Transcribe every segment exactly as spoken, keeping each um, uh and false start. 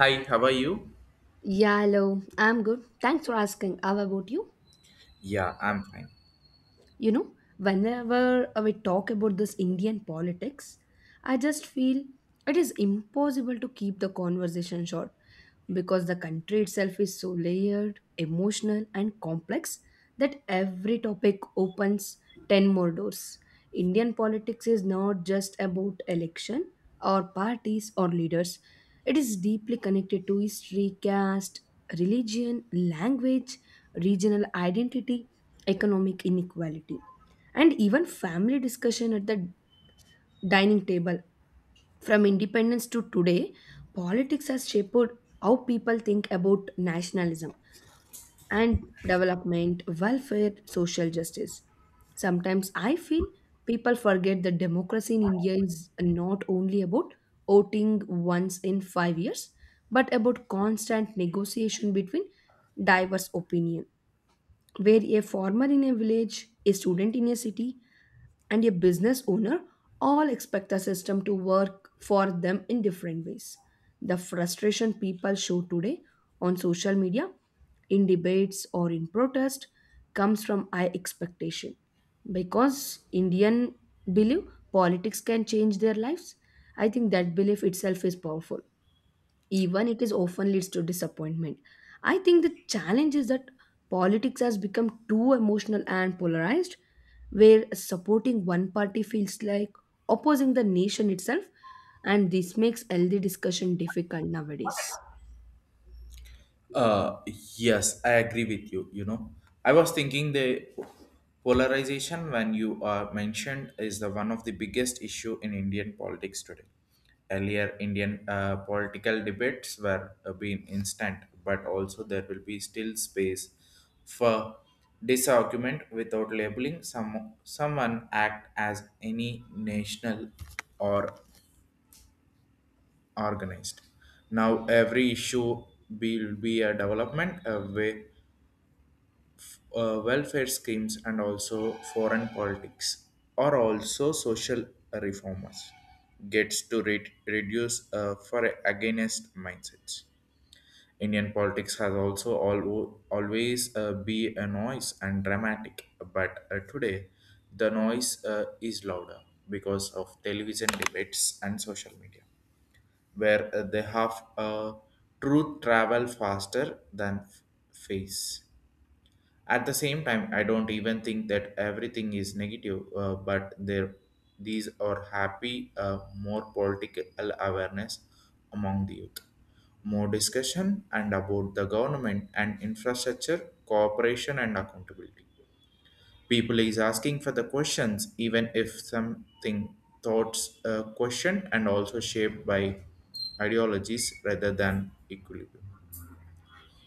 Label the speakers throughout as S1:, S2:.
S1: Hi, how are you?
S2: Yeah, hello. I'm good. Thanks for asking. How about you?
S1: Yeah, I'm fine.
S2: You know, whenever we talk about this Indian politics, I just feel it is impossible to keep the conversation short because the country itself is so layered, emotional, and complex that every topic opens ten more doors. Indian politics is not just about election or parties or leaders, it is deeply connected to history, caste, religion, language, regional identity, economic inequality, and even family discussion at the dining table. From independence to today, politics has shaped how people think about nationalism and development, welfare, social justice. Sometimes I feel people forget that democracy in India is not only about voting once in five years, but about constant negotiation between diverse opinions where a farmer in a village, a student in a city, and a business owner all expect the system to work for them in different ways. The frustration people show today on social media, in debates, or in protest comes from high expectation. Because Indian believe politics can change their lives, I think that belief itself is powerful even it is often leads to disappointment. I think the challenge is that politics has become too emotional and polarized where supporting one party feels like opposing the nation itself, and this makes healthy discussion difficult nowadays.
S1: Uh, yes, I agree with you. You know, I was thinking the polarization when you uh, mentioned is the one of the biggest issue in Indian politics today. Earlier, Indian uh, political debates were uh, being instant, but also there will be still space for disargument without labeling some someone act as any national or organized. Now every issue will be a development a way, uh, welfare schemes and also foreign politics or also social reformers gets to re- reduce uh, for against mindsets. Indian politics has also al- always uh, be a noise and dramatic, but uh, today the noise uh, is louder because of television debates and social media where uh, they have uh, truth travel faster than f- face. At the same time, I don't even think that everything is negative, uh, but there these are happy, uh, more political awareness among the youth, more discussion and about the government and infrastructure, cooperation and accountability. People is asking for the questions, even if something thoughts uh, question and also shaped by ideologies rather than equilibrium.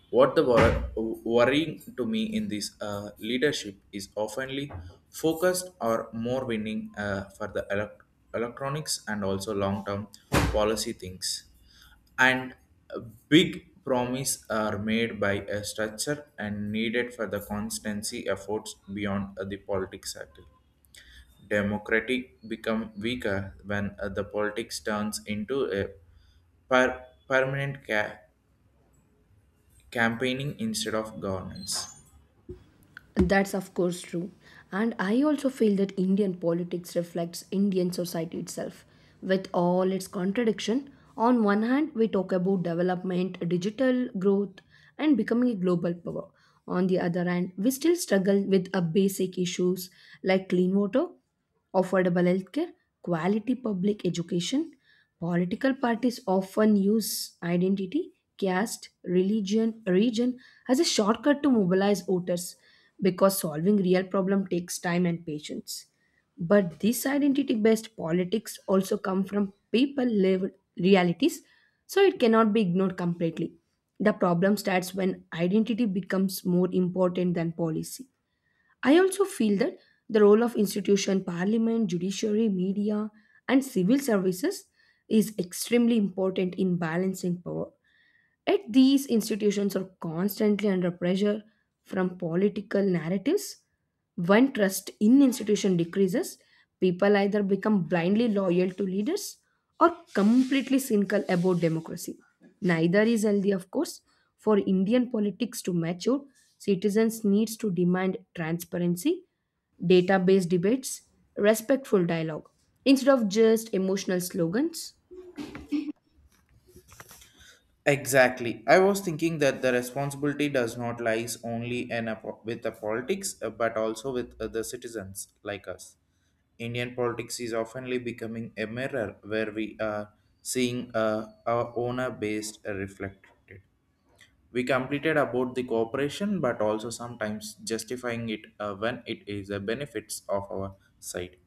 S1: What the wor- worrying to me in this uh, leadership is oftenly focused or more winning uh, for the elec- electronics and also long-term policy things, and a big promise are made by a structure and needed for the constancy efforts beyond uh, the politics cycle. Democratic become weaker when uh, the politics turns into a per- permanent ca- campaigning instead of governance.
S2: That's of course true. And I also feel that Indian politics reflects Indian society itself. With all its contradiction, on one hand, we talk about development, digital growth, and becoming a global power. On the other hand, we still struggle with a basic issues like clean water, affordable healthcare, quality public education. Political parties often use identity, caste, religion, region as a shortcut to mobilize voters because solving real problem takes time and patience. But this identity based politics also come from people lived realities, so it cannot be ignored completely. The problem starts when identity becomes more important than policy. I also feel that the role of institution, parliament, judiciary, media, and civil services is extremely important in balancing power. Yet these institutions are constantly under pressure from political narratives. When trust in institution decreases, people either become blindly loyal to leaders or completely cynical about democracy. Neither is healthy, of course. For Indian politics to mature, citizens needs to demand transparency, data-based debates, respectful dialogue, instead of just emotional slogans.
S1: Exactly. I was thinking that the responsibility does not lies only in a, po- with the politics, uh, but also with uh, the citizens like us. Indian politics is oftenly becoming a mirror where we are seeing uh, our owner based uh, reflected. We completed about the cooperation, but also sometimes justifying it uh, when it is the benefits of our side.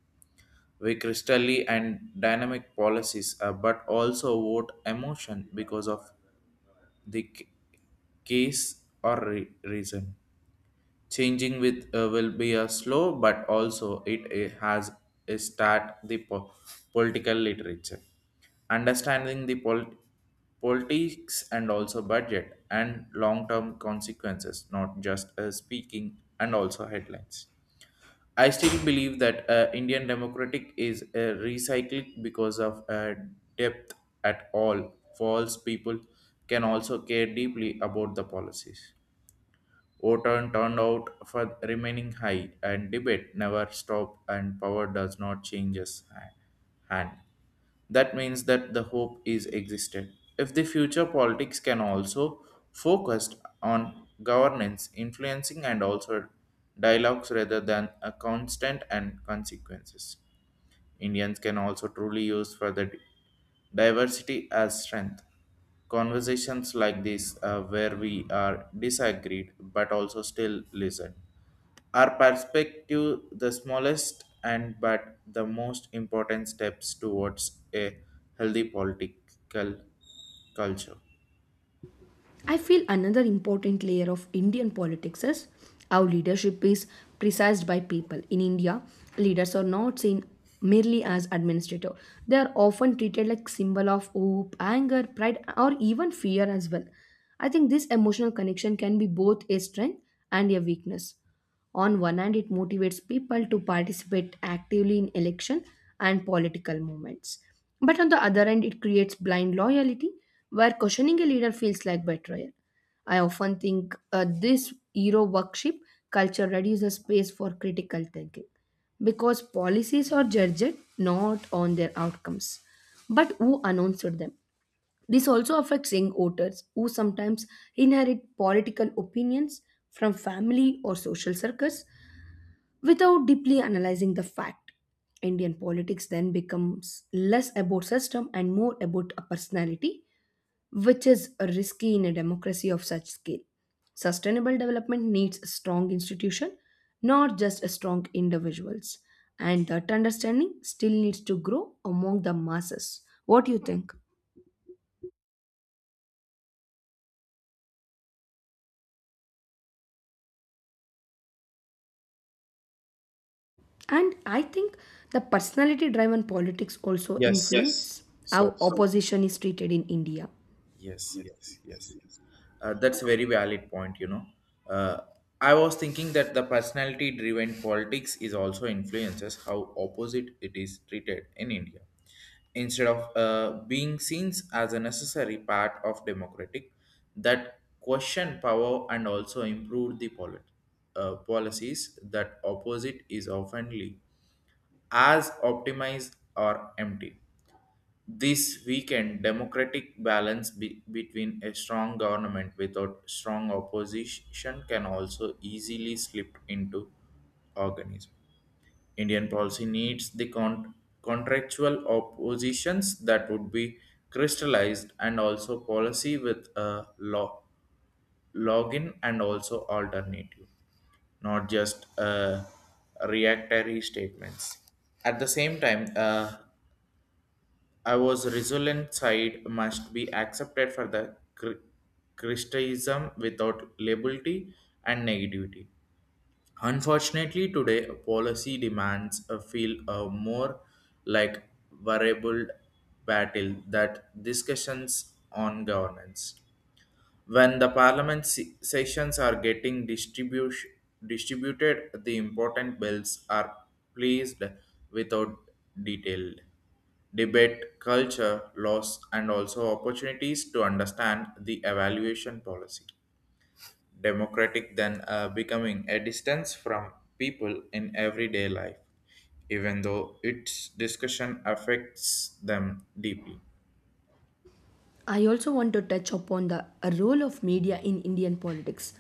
S1: We crystally and dynamic policies, uh, but also vote emotion because of the c- case or re- reason. Changing with uh, will be a slow, but also it uh, has a start the po- political literature, understanding the pol- politics and also budget and long term consequences, not just uh, speaking and also headlines. I still believe that uh, Indian democratic is uh, recycling because of uh, depth at all. False people can also care deeply about the policies. Voter turnout for remaining high, and debate never stop, and power does not change its ha- hand. That means that the hope is existed. If the future politics can also focused on governance, influencing, and also dialogues rather than a constant and consequences. Indians can also truly use for the diversity as strength. Conversations like this, uh, where we are disagreed but also still listen, our perspective the smallest and but the most important steps towards a healthy political culture.
S2: I feel another important layer of Indian politics is how leadership is precised by people. In India, leaders are not seen merely as administrator. They are often treated like symbol of hope, anger, pride, or even fear as well. I think this emotional connection can be both a strength and a weakness. On one hand, it motivates people to participate actively in election and political movements. But on the other hand, it creates blind loyalty where questioning a leader feels like betrayal. I often think uh, this hero worship culture reduces space for critical thinking because policies are judged not on their outcomes but who announced them. This also affects young voters who sometimes inherit political opinions from family or social circles without deeply analyzing the fact. Indian politics then becomes less about system and more about a personality, which is risky in a democracy of such scale. Sustainable development needs a strong institution, not just a strong individuals. And that understanding still needs to grow among the masses. What do you think? And I think the personality driven politics also Yes.
S1: Yes.
S2: influence how
S1: So
S2: So opposition is treated in India.
S1: yes,
S2: Yes.
S1: yes, yes. Uh, that's a very valid point, you know. Uh, I was thinking that the personality driven politics is also influences how opposite it is treated in India. Instead of uh, being seen as a necessary part of democratic, that question power and also improve the polit- uh, policies that opposite is oftenly as optimized or empty. This weakened democratic balance be- between a strong government without strong opposition can also easily slip into organism. Indian policy needs the con- contractual oppositions that would be crystallized and also policy with a law login and also alternative not just uh, reactory statements. At the same time, uh, I was resolute side must be accepted for the cr- Christianism without labelty and negativity. Unfortunately, today policy demands a feel a more like variable battle that discussions on governance when the parliament se- sessions are getting distribution distributed the important bills are placed without detailed debate culture laws and also opportunities to understand the evaluation policy democratic then uh, becoming a distance from people in everyday life even though its discussion affects them deeply.
S2: I also want to touch upon the role of media in Indian politics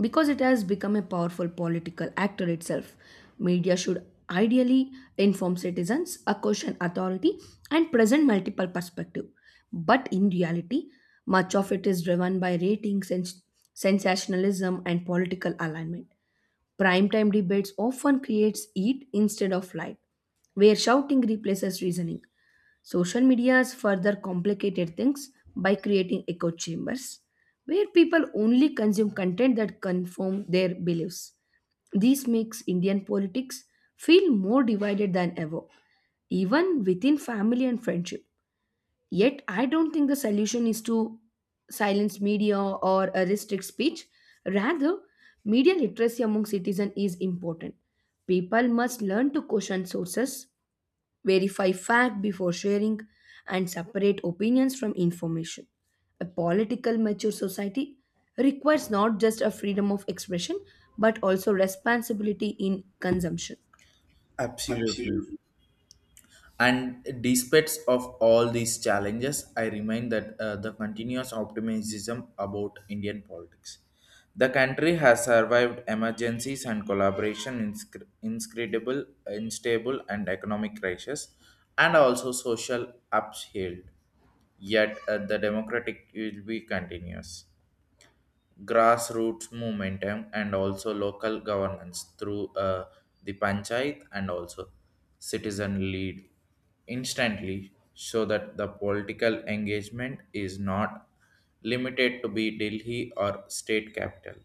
S2: because it has become a powerful political actor itself. Media should ideally inform citizens, a caution authority, and present multiple perspectives. But in reality, much of it is driven by ratings and sensationalism and political alignment. Primetime debates often creates heat instead of light, where shouting replaces reasoning. Social media has further complicated things by creating echo chambers, where people only consume content that confirm their beliefs. This makes Indian politics feel more divided than ever, even within family and friendship. Yet, I don't think the solution is to silence media or uh, restrict speech. Rather, media literacy among citizens is important. People must learn to question sources, verify fact before sharing, and separate opinions from information. A political mature society requires not just a freedom of expression but also responsibility in consumption.
S1: Absolutely.
S2: Absolutely.
S1: And despite of all these challenges, I remind that uh, the continuous optimism about Indian politics. The country has survived emergencies and collaboration, inscr- inscrutable, unstable, and economic crisis, and also social upheaval. Yet uh, the democratic will be continuous grassroots movement um, and also local governance through uh, the panchayat and also citizen lead instantly so that the political engagement is not limited to be Delhi or state capital.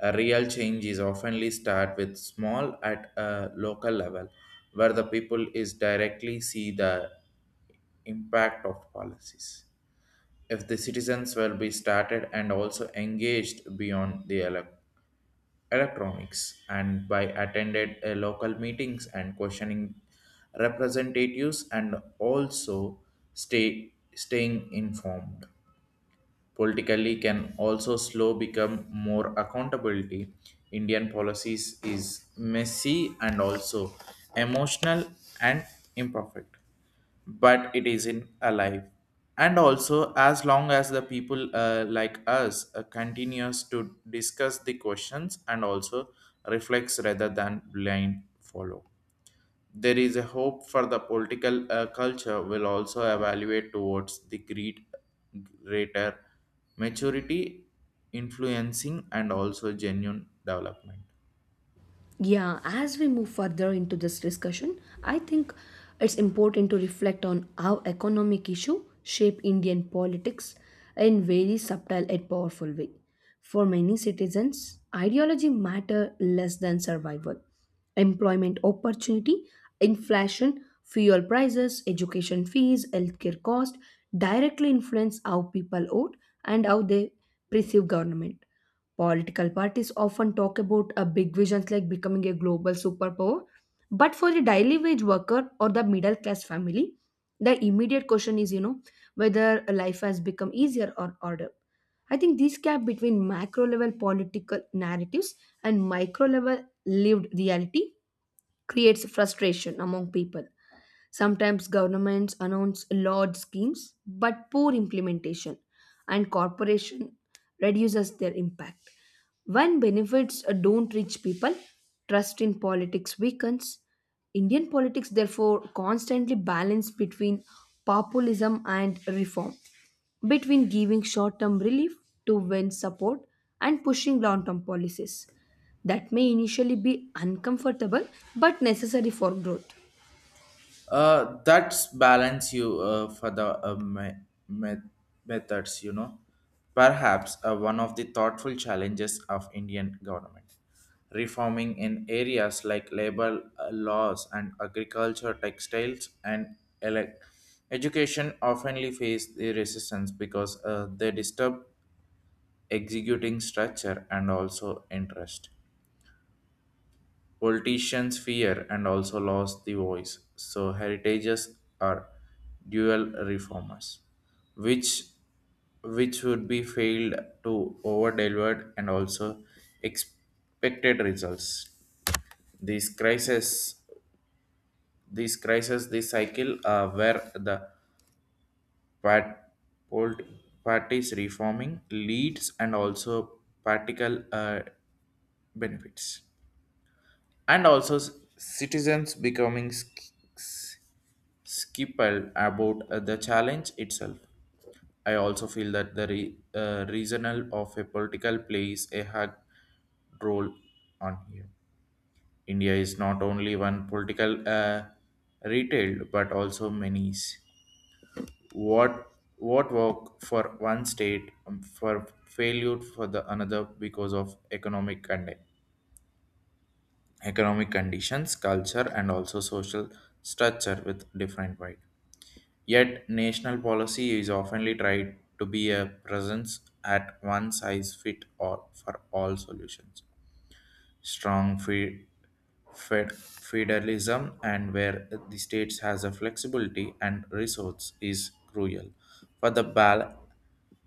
S1: A real change is oftenly start with small at a local level where the people is directly see the impact of policies. If the citizens will be started and also engaged beyond the elec electronics and by attended uh, local meetings and questioning representatives and also stay staying informed politically can also slow become more accountability. Indian policies is messy and also emotional and imperfect but it isn't alive and also as long as the people uh, like us uh, continues to discuss the questions and also reflects rather than blind follow there is a hope for the political uh, culture will also evaluate towards the great greater maturity influencing and also genuine development.
S2: Yeah, as we move further into this discussion, I think it's important to reflect on how economic issues shape Indian politics in very subtle and powerful way. For many citizens, ideology matter less than survival. Employment opportunity, inflation, fuel prices, education fees, healthcare cost directly influence how people vote and how they perceive government. Political parties often talk about a big visions like becoming a global superpower, but for the daily wage worker or the middle class family, the immediate question is, you know, whether life has become easier or harder. I think this gap between macro level political narratives and micro level lived reality creates frustration among people. Sometimes governments announce large schemes but poor implementation and corporation reduces their impact. When benefits uh, don't reach people, trust in politics weakens. Indian politics therefore constantly balance between populism and reform, between giving short-term relief to win support and pushing long-term policies that may initially be uncomfortable but necessary for growth.
S1: Uh, that's balance you uh, for the uh, me- me- methods, you know. Perhaps uh, one of the thoughtful challenges of Indian government. Reforming in areas like labor uh, laws and agriculture, textiles, and elec education oftenly face the resistance because uh, they disturb executing structure and also interest politicians fear and also lost the voice. So heritages are dual reformers, which which would be failed to over delivered and also expected results. These crisis, these crisis, this cycle uh, where the part, polit, parties reforming leads and also practical uh, benefits and also s- citizens becoming s- Skipper about uh, the challenge itself. I also feel that the re- uh, regional of a political plays a hard role on here. India is not only one political uh, retail but also many. What what work for one state um, for failure for the another because of economic condi- economic conditions, culture, and also social structure with different way. Yet, national policy is often tried to be a presence at one size fit all for all solutions. Strong fe- fed- federalism and where the states has a flexibility and resource is crucial for the bal-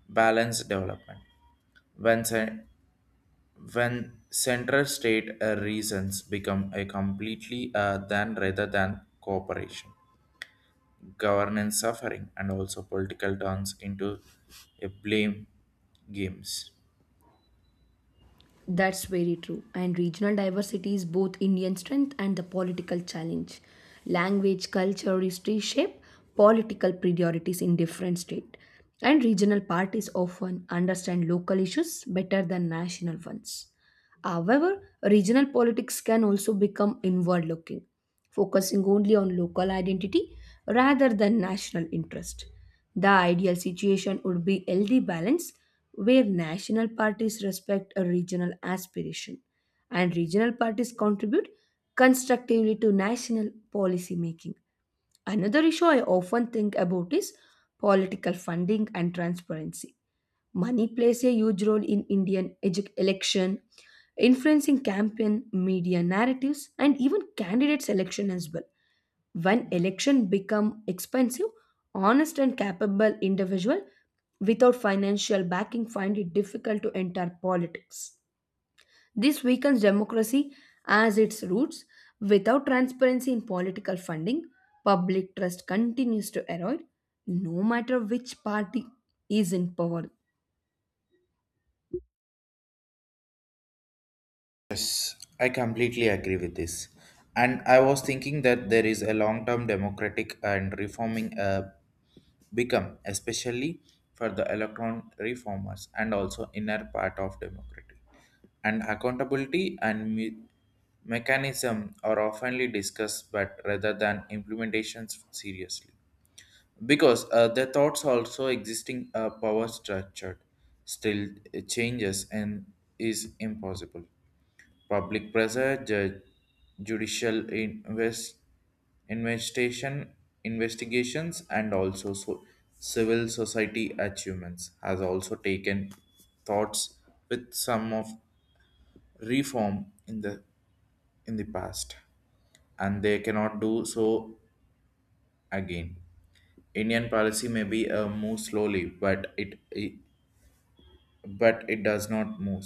S1: balanced development. When cen- when center state uh, reasons become a completely uh, than rather than cooperation governance suffering and also political turns into a blame games.
S2: That's very true. And regional diversity is both Indian strength and the political challenge. Language, culture, history shape political priorities in different states. And regional parties often understand local issues better than national ones. However, regional politics can also become inward looking, focusing only on local identity rather than national interest. The ideal situation would be healthy balance where national parties respect a regional aspiration and regional parties contribute constructively to national policy making. Another issue I often think about is political funding and transparency. Money plays a huge role in Indian edu- election, influencing campaign media narratives and even candidate selection as well. When election become expensive, honest and capable individual without financial backing find it difficult to enter politics. This weakens democracy as its roots. Without transparency in political funding, public trust continues to erode, no matter which party is in power.
S1: Yes, I completely agree with this. And I was thinking that there is a long-term democratic and reforming uh, become, especially for the electron reformers and also inner part of democracy. And accountability and me- mechanism are oftenly discussed, but rather than implementations seriously, because uh, their thoughts also existing uh, power structure still uh, changes and is impossible. Public pressure ju- judicial invest, investigation investigations and also so civil society achievements has also taken thoughts with some of reform in the in the past and they cannot do so again. Indian policy may be a move slowly, but it, it but it does not move.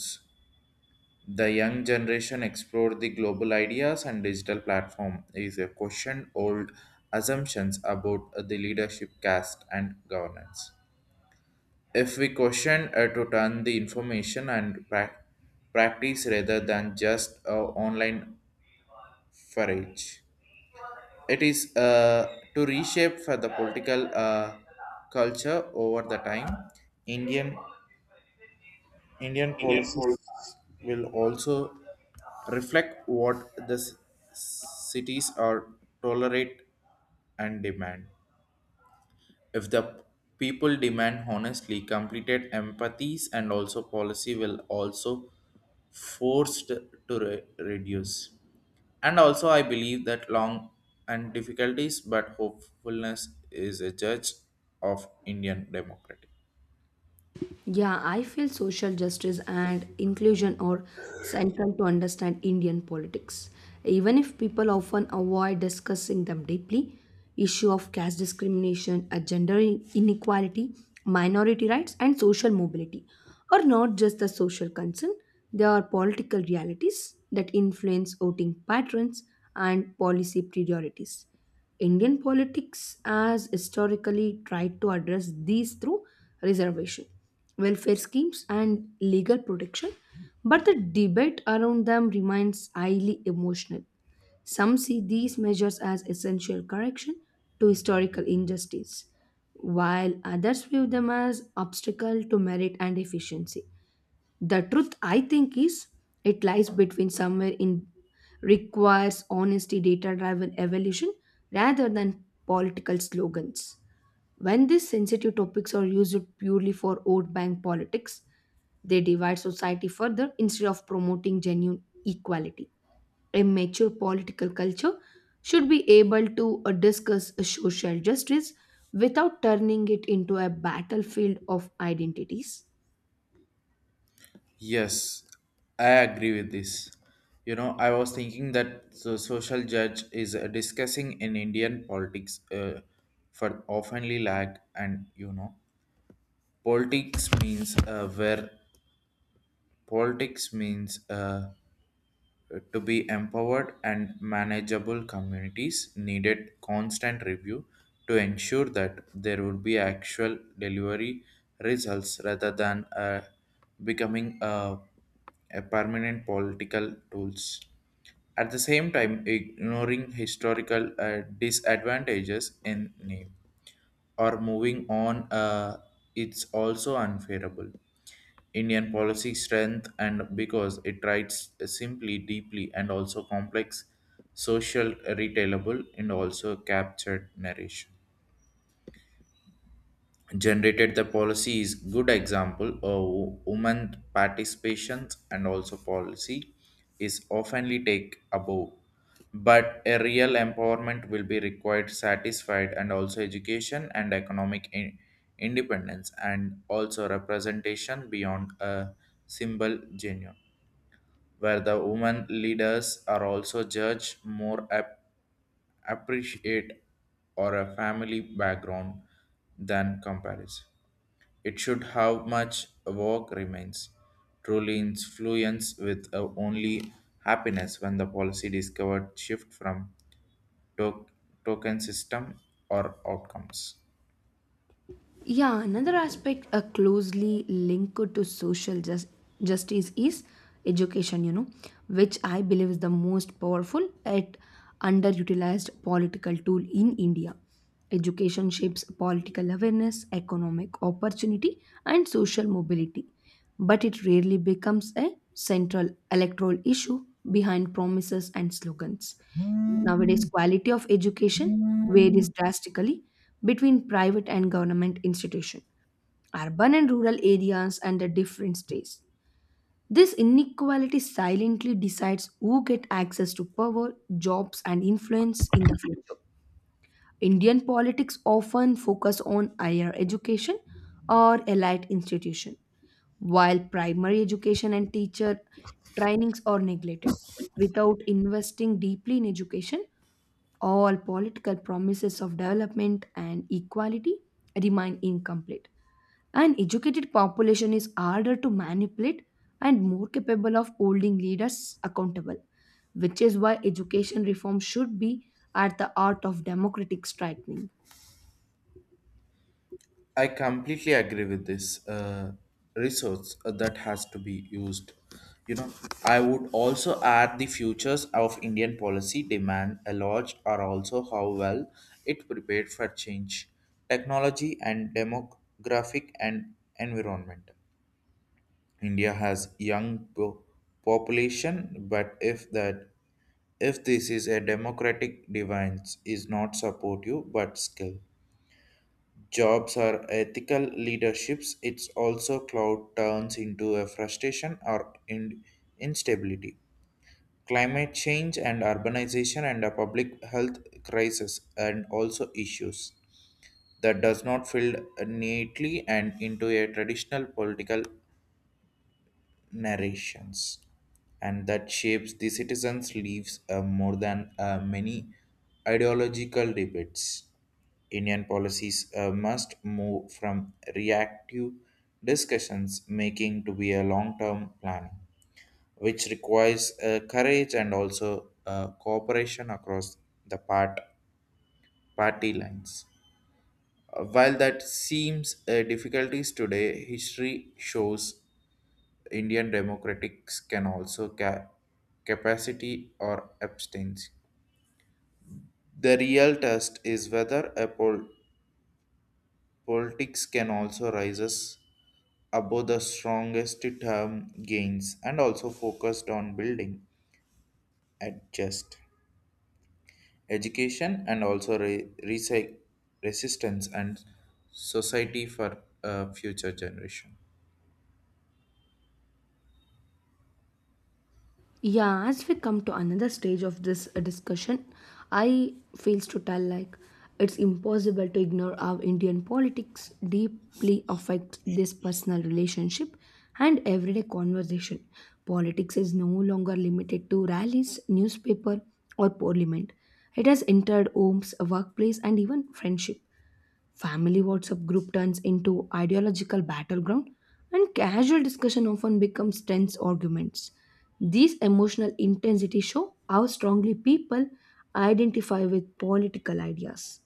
S1: The young generation explore the global ideas and digital platform is a question old assumptions about the leadership caste and governance. If we question uh, to turn the information and prac practice rather than just uh, online forage, it is uh, to reshape for the political uh, culture over the time. Indian Indian
S2: Indian
S1: policies
S2: politics.
S1: will also reflect what the s- cities are tolerate and demand. If the people demand honestly completed empathies and also policy will also forced to re- reduce. And also I believe that long and difficulties but hopefulness is a judge of Indian democracy.
S2: Yeah, I feel social justice and inclusion are central to understand Indian politics. Even if people often avoid discussing them deeply, issue of caste discrimination, uh, gender in- inequality, minority rights, and social mobility are not just a social concern; they are political realities that influence voting patterns and policy priorities. Indian politics has historically tried to address these through reservation, welfare schemes, and legal protection, but the debate around them remains highly emotional. Some see these measures as essential correction to historical injustice, while others view them as obstacle to merit and efficiency. The truth, I think, is it lies between somewhere in requires honesty, data driven evolution rather than political slogans. When these sensitive topics are used purely for vote bank politics, they divide society further instead of promoting genuine equality. A mature political culture should be able to uh, discuss social justice without turning it into a battlefield of identities.
S1: Yes, I agree with this. You know, I was thinking that the social judge is uh, discussing in Indian politics uh, for oftenly lack and you know, politics means uh, where politics means uh, to be empowered and manageable communities needed constant review to ensure that there would be actual delivery results rather than uh, becoming a, a permanent political tools at the same time ignoring historical uh, disadvantages in name or moving on, uh, it's also unfavorable. Indian policy strength and because it writes simply, deeply, and also complex, social, retailable, and also captured narration generated the policy is good example of wo- women participation and also policy is oftenly take above but a real empowerment will be required satisfied and also education and economic in- independence and also representation beyond a symbol genuine where the women leaders are also judged more ap- appreciate or a family background than comparison it should how much a walk remains. Truly influence with uh, only happiness when the policy discovered shift from to- token system or outcomes.
S2: Yeah, another aspect uh, closely linked to social just, justice is education, you know, which I believe is the most powerful yet underutilized political tool in India. Education shapes political awareness, economic opportunity, and social mobility, but it rarely becomes a central electoral issue behind promises and slogans. Nowadays, quality of education varies drastically between private and government institutions, urban and rural areas, and the different states. This inequality silently decides who get access to power, jobs, and influence in the future. Indian politics often focus on higher education or elite institution, while primary education and teacher trainings are neglected. Without investing deeply in education, all political promises of development and equality remain incomplete. An educated population is harder to manipulate and more capable of holding leaders accountable, which is why education reform should be at the heart of democratic striving.
S1: I completely agree with this uh, resource uh, that has to be used. You know, I would also add the futures of Indian policy demand a lot are also how well it prepared for change, technology and demographic and environment. India has young po- population, but if that if this is a democratic device is not supportive but skill. Jobs are ethical leaderships. It's also cloud turns into a frustration or in- instability. Climate change and urbanization and a public health crisis and also issues that does not fill neatly and into a traditional political narrations and that shapes the citizens' lives uh, more than uh, many ideological debates. Indian policies uh, must move from reactive discussions making to be a long-term planning, which requires uh, courage and also uh, cooperation across the part party lines. Uh, While that seems uh, difficulties today, history shows Indian democratics can also ca- capacity or abstain. The real test is whether a pol- politics can also rises above the strongest term gains and also focused on building at just education and also re- resi- resistance and society for uh, future generation.
S2: Yeah, as we come to another stage of this uh, discussion, I fails to tell like it's impossible to ignore how Indian politics deeply affect this personal relationship and everyday conversation. Politics is no longer limited to rallies, newspaper, or parliament. It has entered homes, workplace, and even friendship. Family WhatsApp group turns into ideological battleground and casual discussion often becomes tense arguments. These emotional intensity show how strongly people identify with political ideas.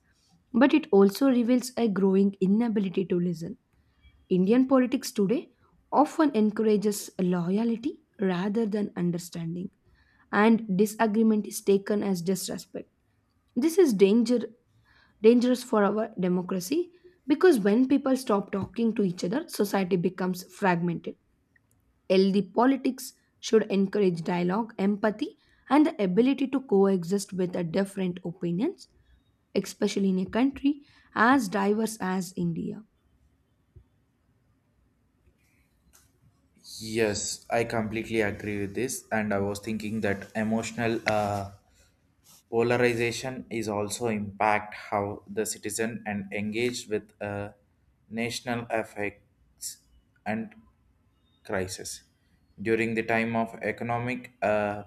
S2: But it also reveals a growing inability to listen. Indian politics today often encourages loyalty rather than understanding, and disagreement is taken as disrespect. This is danger dangerous for our democracy because when people stop talking to each other, society becomes fragmented. Healthy politics should encourage dialogue, empathy, and the ability to coexist with the different opinions, especially in a country as diverse as India.
S1: Yes, I completely agree with this, and I was thinking that emotional uh, polarization is also impact how the citizen and engaged with uh, national effects and crisis. During the time of economic uh,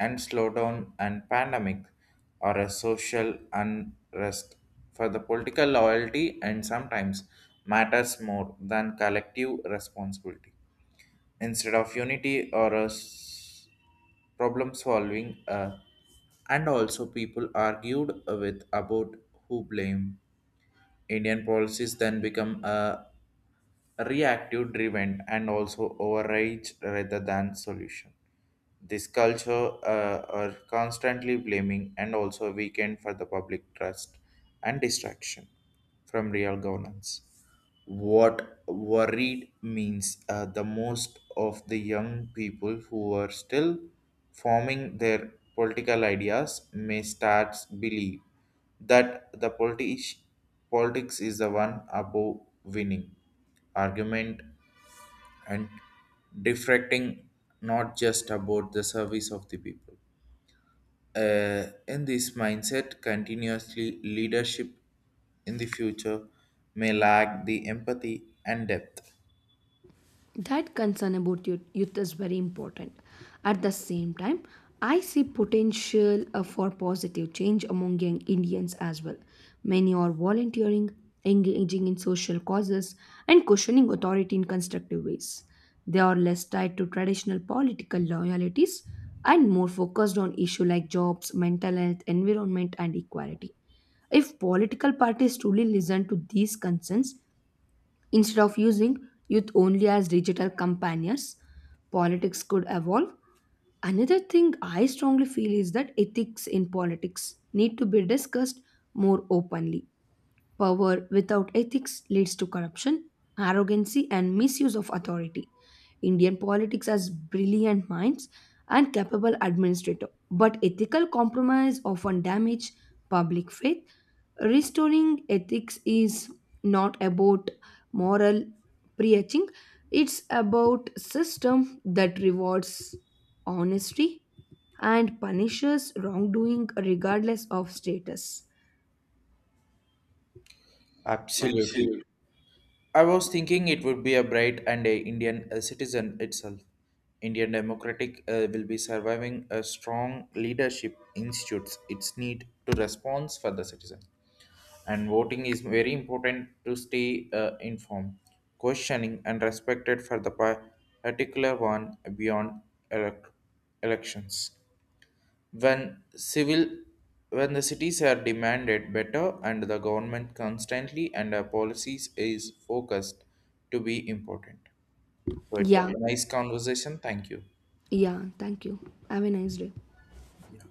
S1: and slowdown and pandemic or a social unrest for the political loyalty and sometimes matters more than collective responsibility instead of unity or a s- problem solving uh, and also people argued with about who blame. Indian policies then become a reactive driven and also overrage rather than solution. This culture uh, are constantly blaming and also a weekend for the public trust and distraction from real governance. What worried means uh, the most of the young people who are still forming their political ideas may start believe that the politi- politics is the one above winning argument and deflecting not just about the service of the people. Uh, in this mindset, continuously leadership in the future may lack the empathy and depth.
S2: That concern about youth, youth is very important. At the same time, I see potential uh, for positive change among young Indians as well. Many are volunteering, engaging in social causes, and questioning authority in constructive ways. They are less tied to traditional political loyalties and more focused on issues like jobs, mental health, environment, and equality. If political parties truly listen to these concerns, instead of using youth only as digital companions, politics could evolve. Another thing I strongly feel is that ethics in politics need to be discussed more openly. Power without ethics leads to corruption, arrogancy, and misuse of authority. Indian politics has brilliant minds and capable administrators, but ethical compromise often damage public faith. Restoring ethics is not about moral preaching, it's about system that rewards honesty and punishes wrongdoing regardless of status.
S1: Absolutely.
S2: Absolutely.
S1: I was thinking it would be a bright and a Indian uh, citizen itself. Indian democratic uh, will be surviving a strong leadership institutes. Its need to response for the citizen, and voting is very important to stay uh, informed, questioning, and respected for the par- particular one beyond elect- elections. When civil, when the cities are demanded better, and the government constantly and our policies is focused to be important. So it was
S2: Yeah.
S1: a nice conversation. Thank you.
S2: Yeah, thank you. Have a nice day.
S1: Yeah.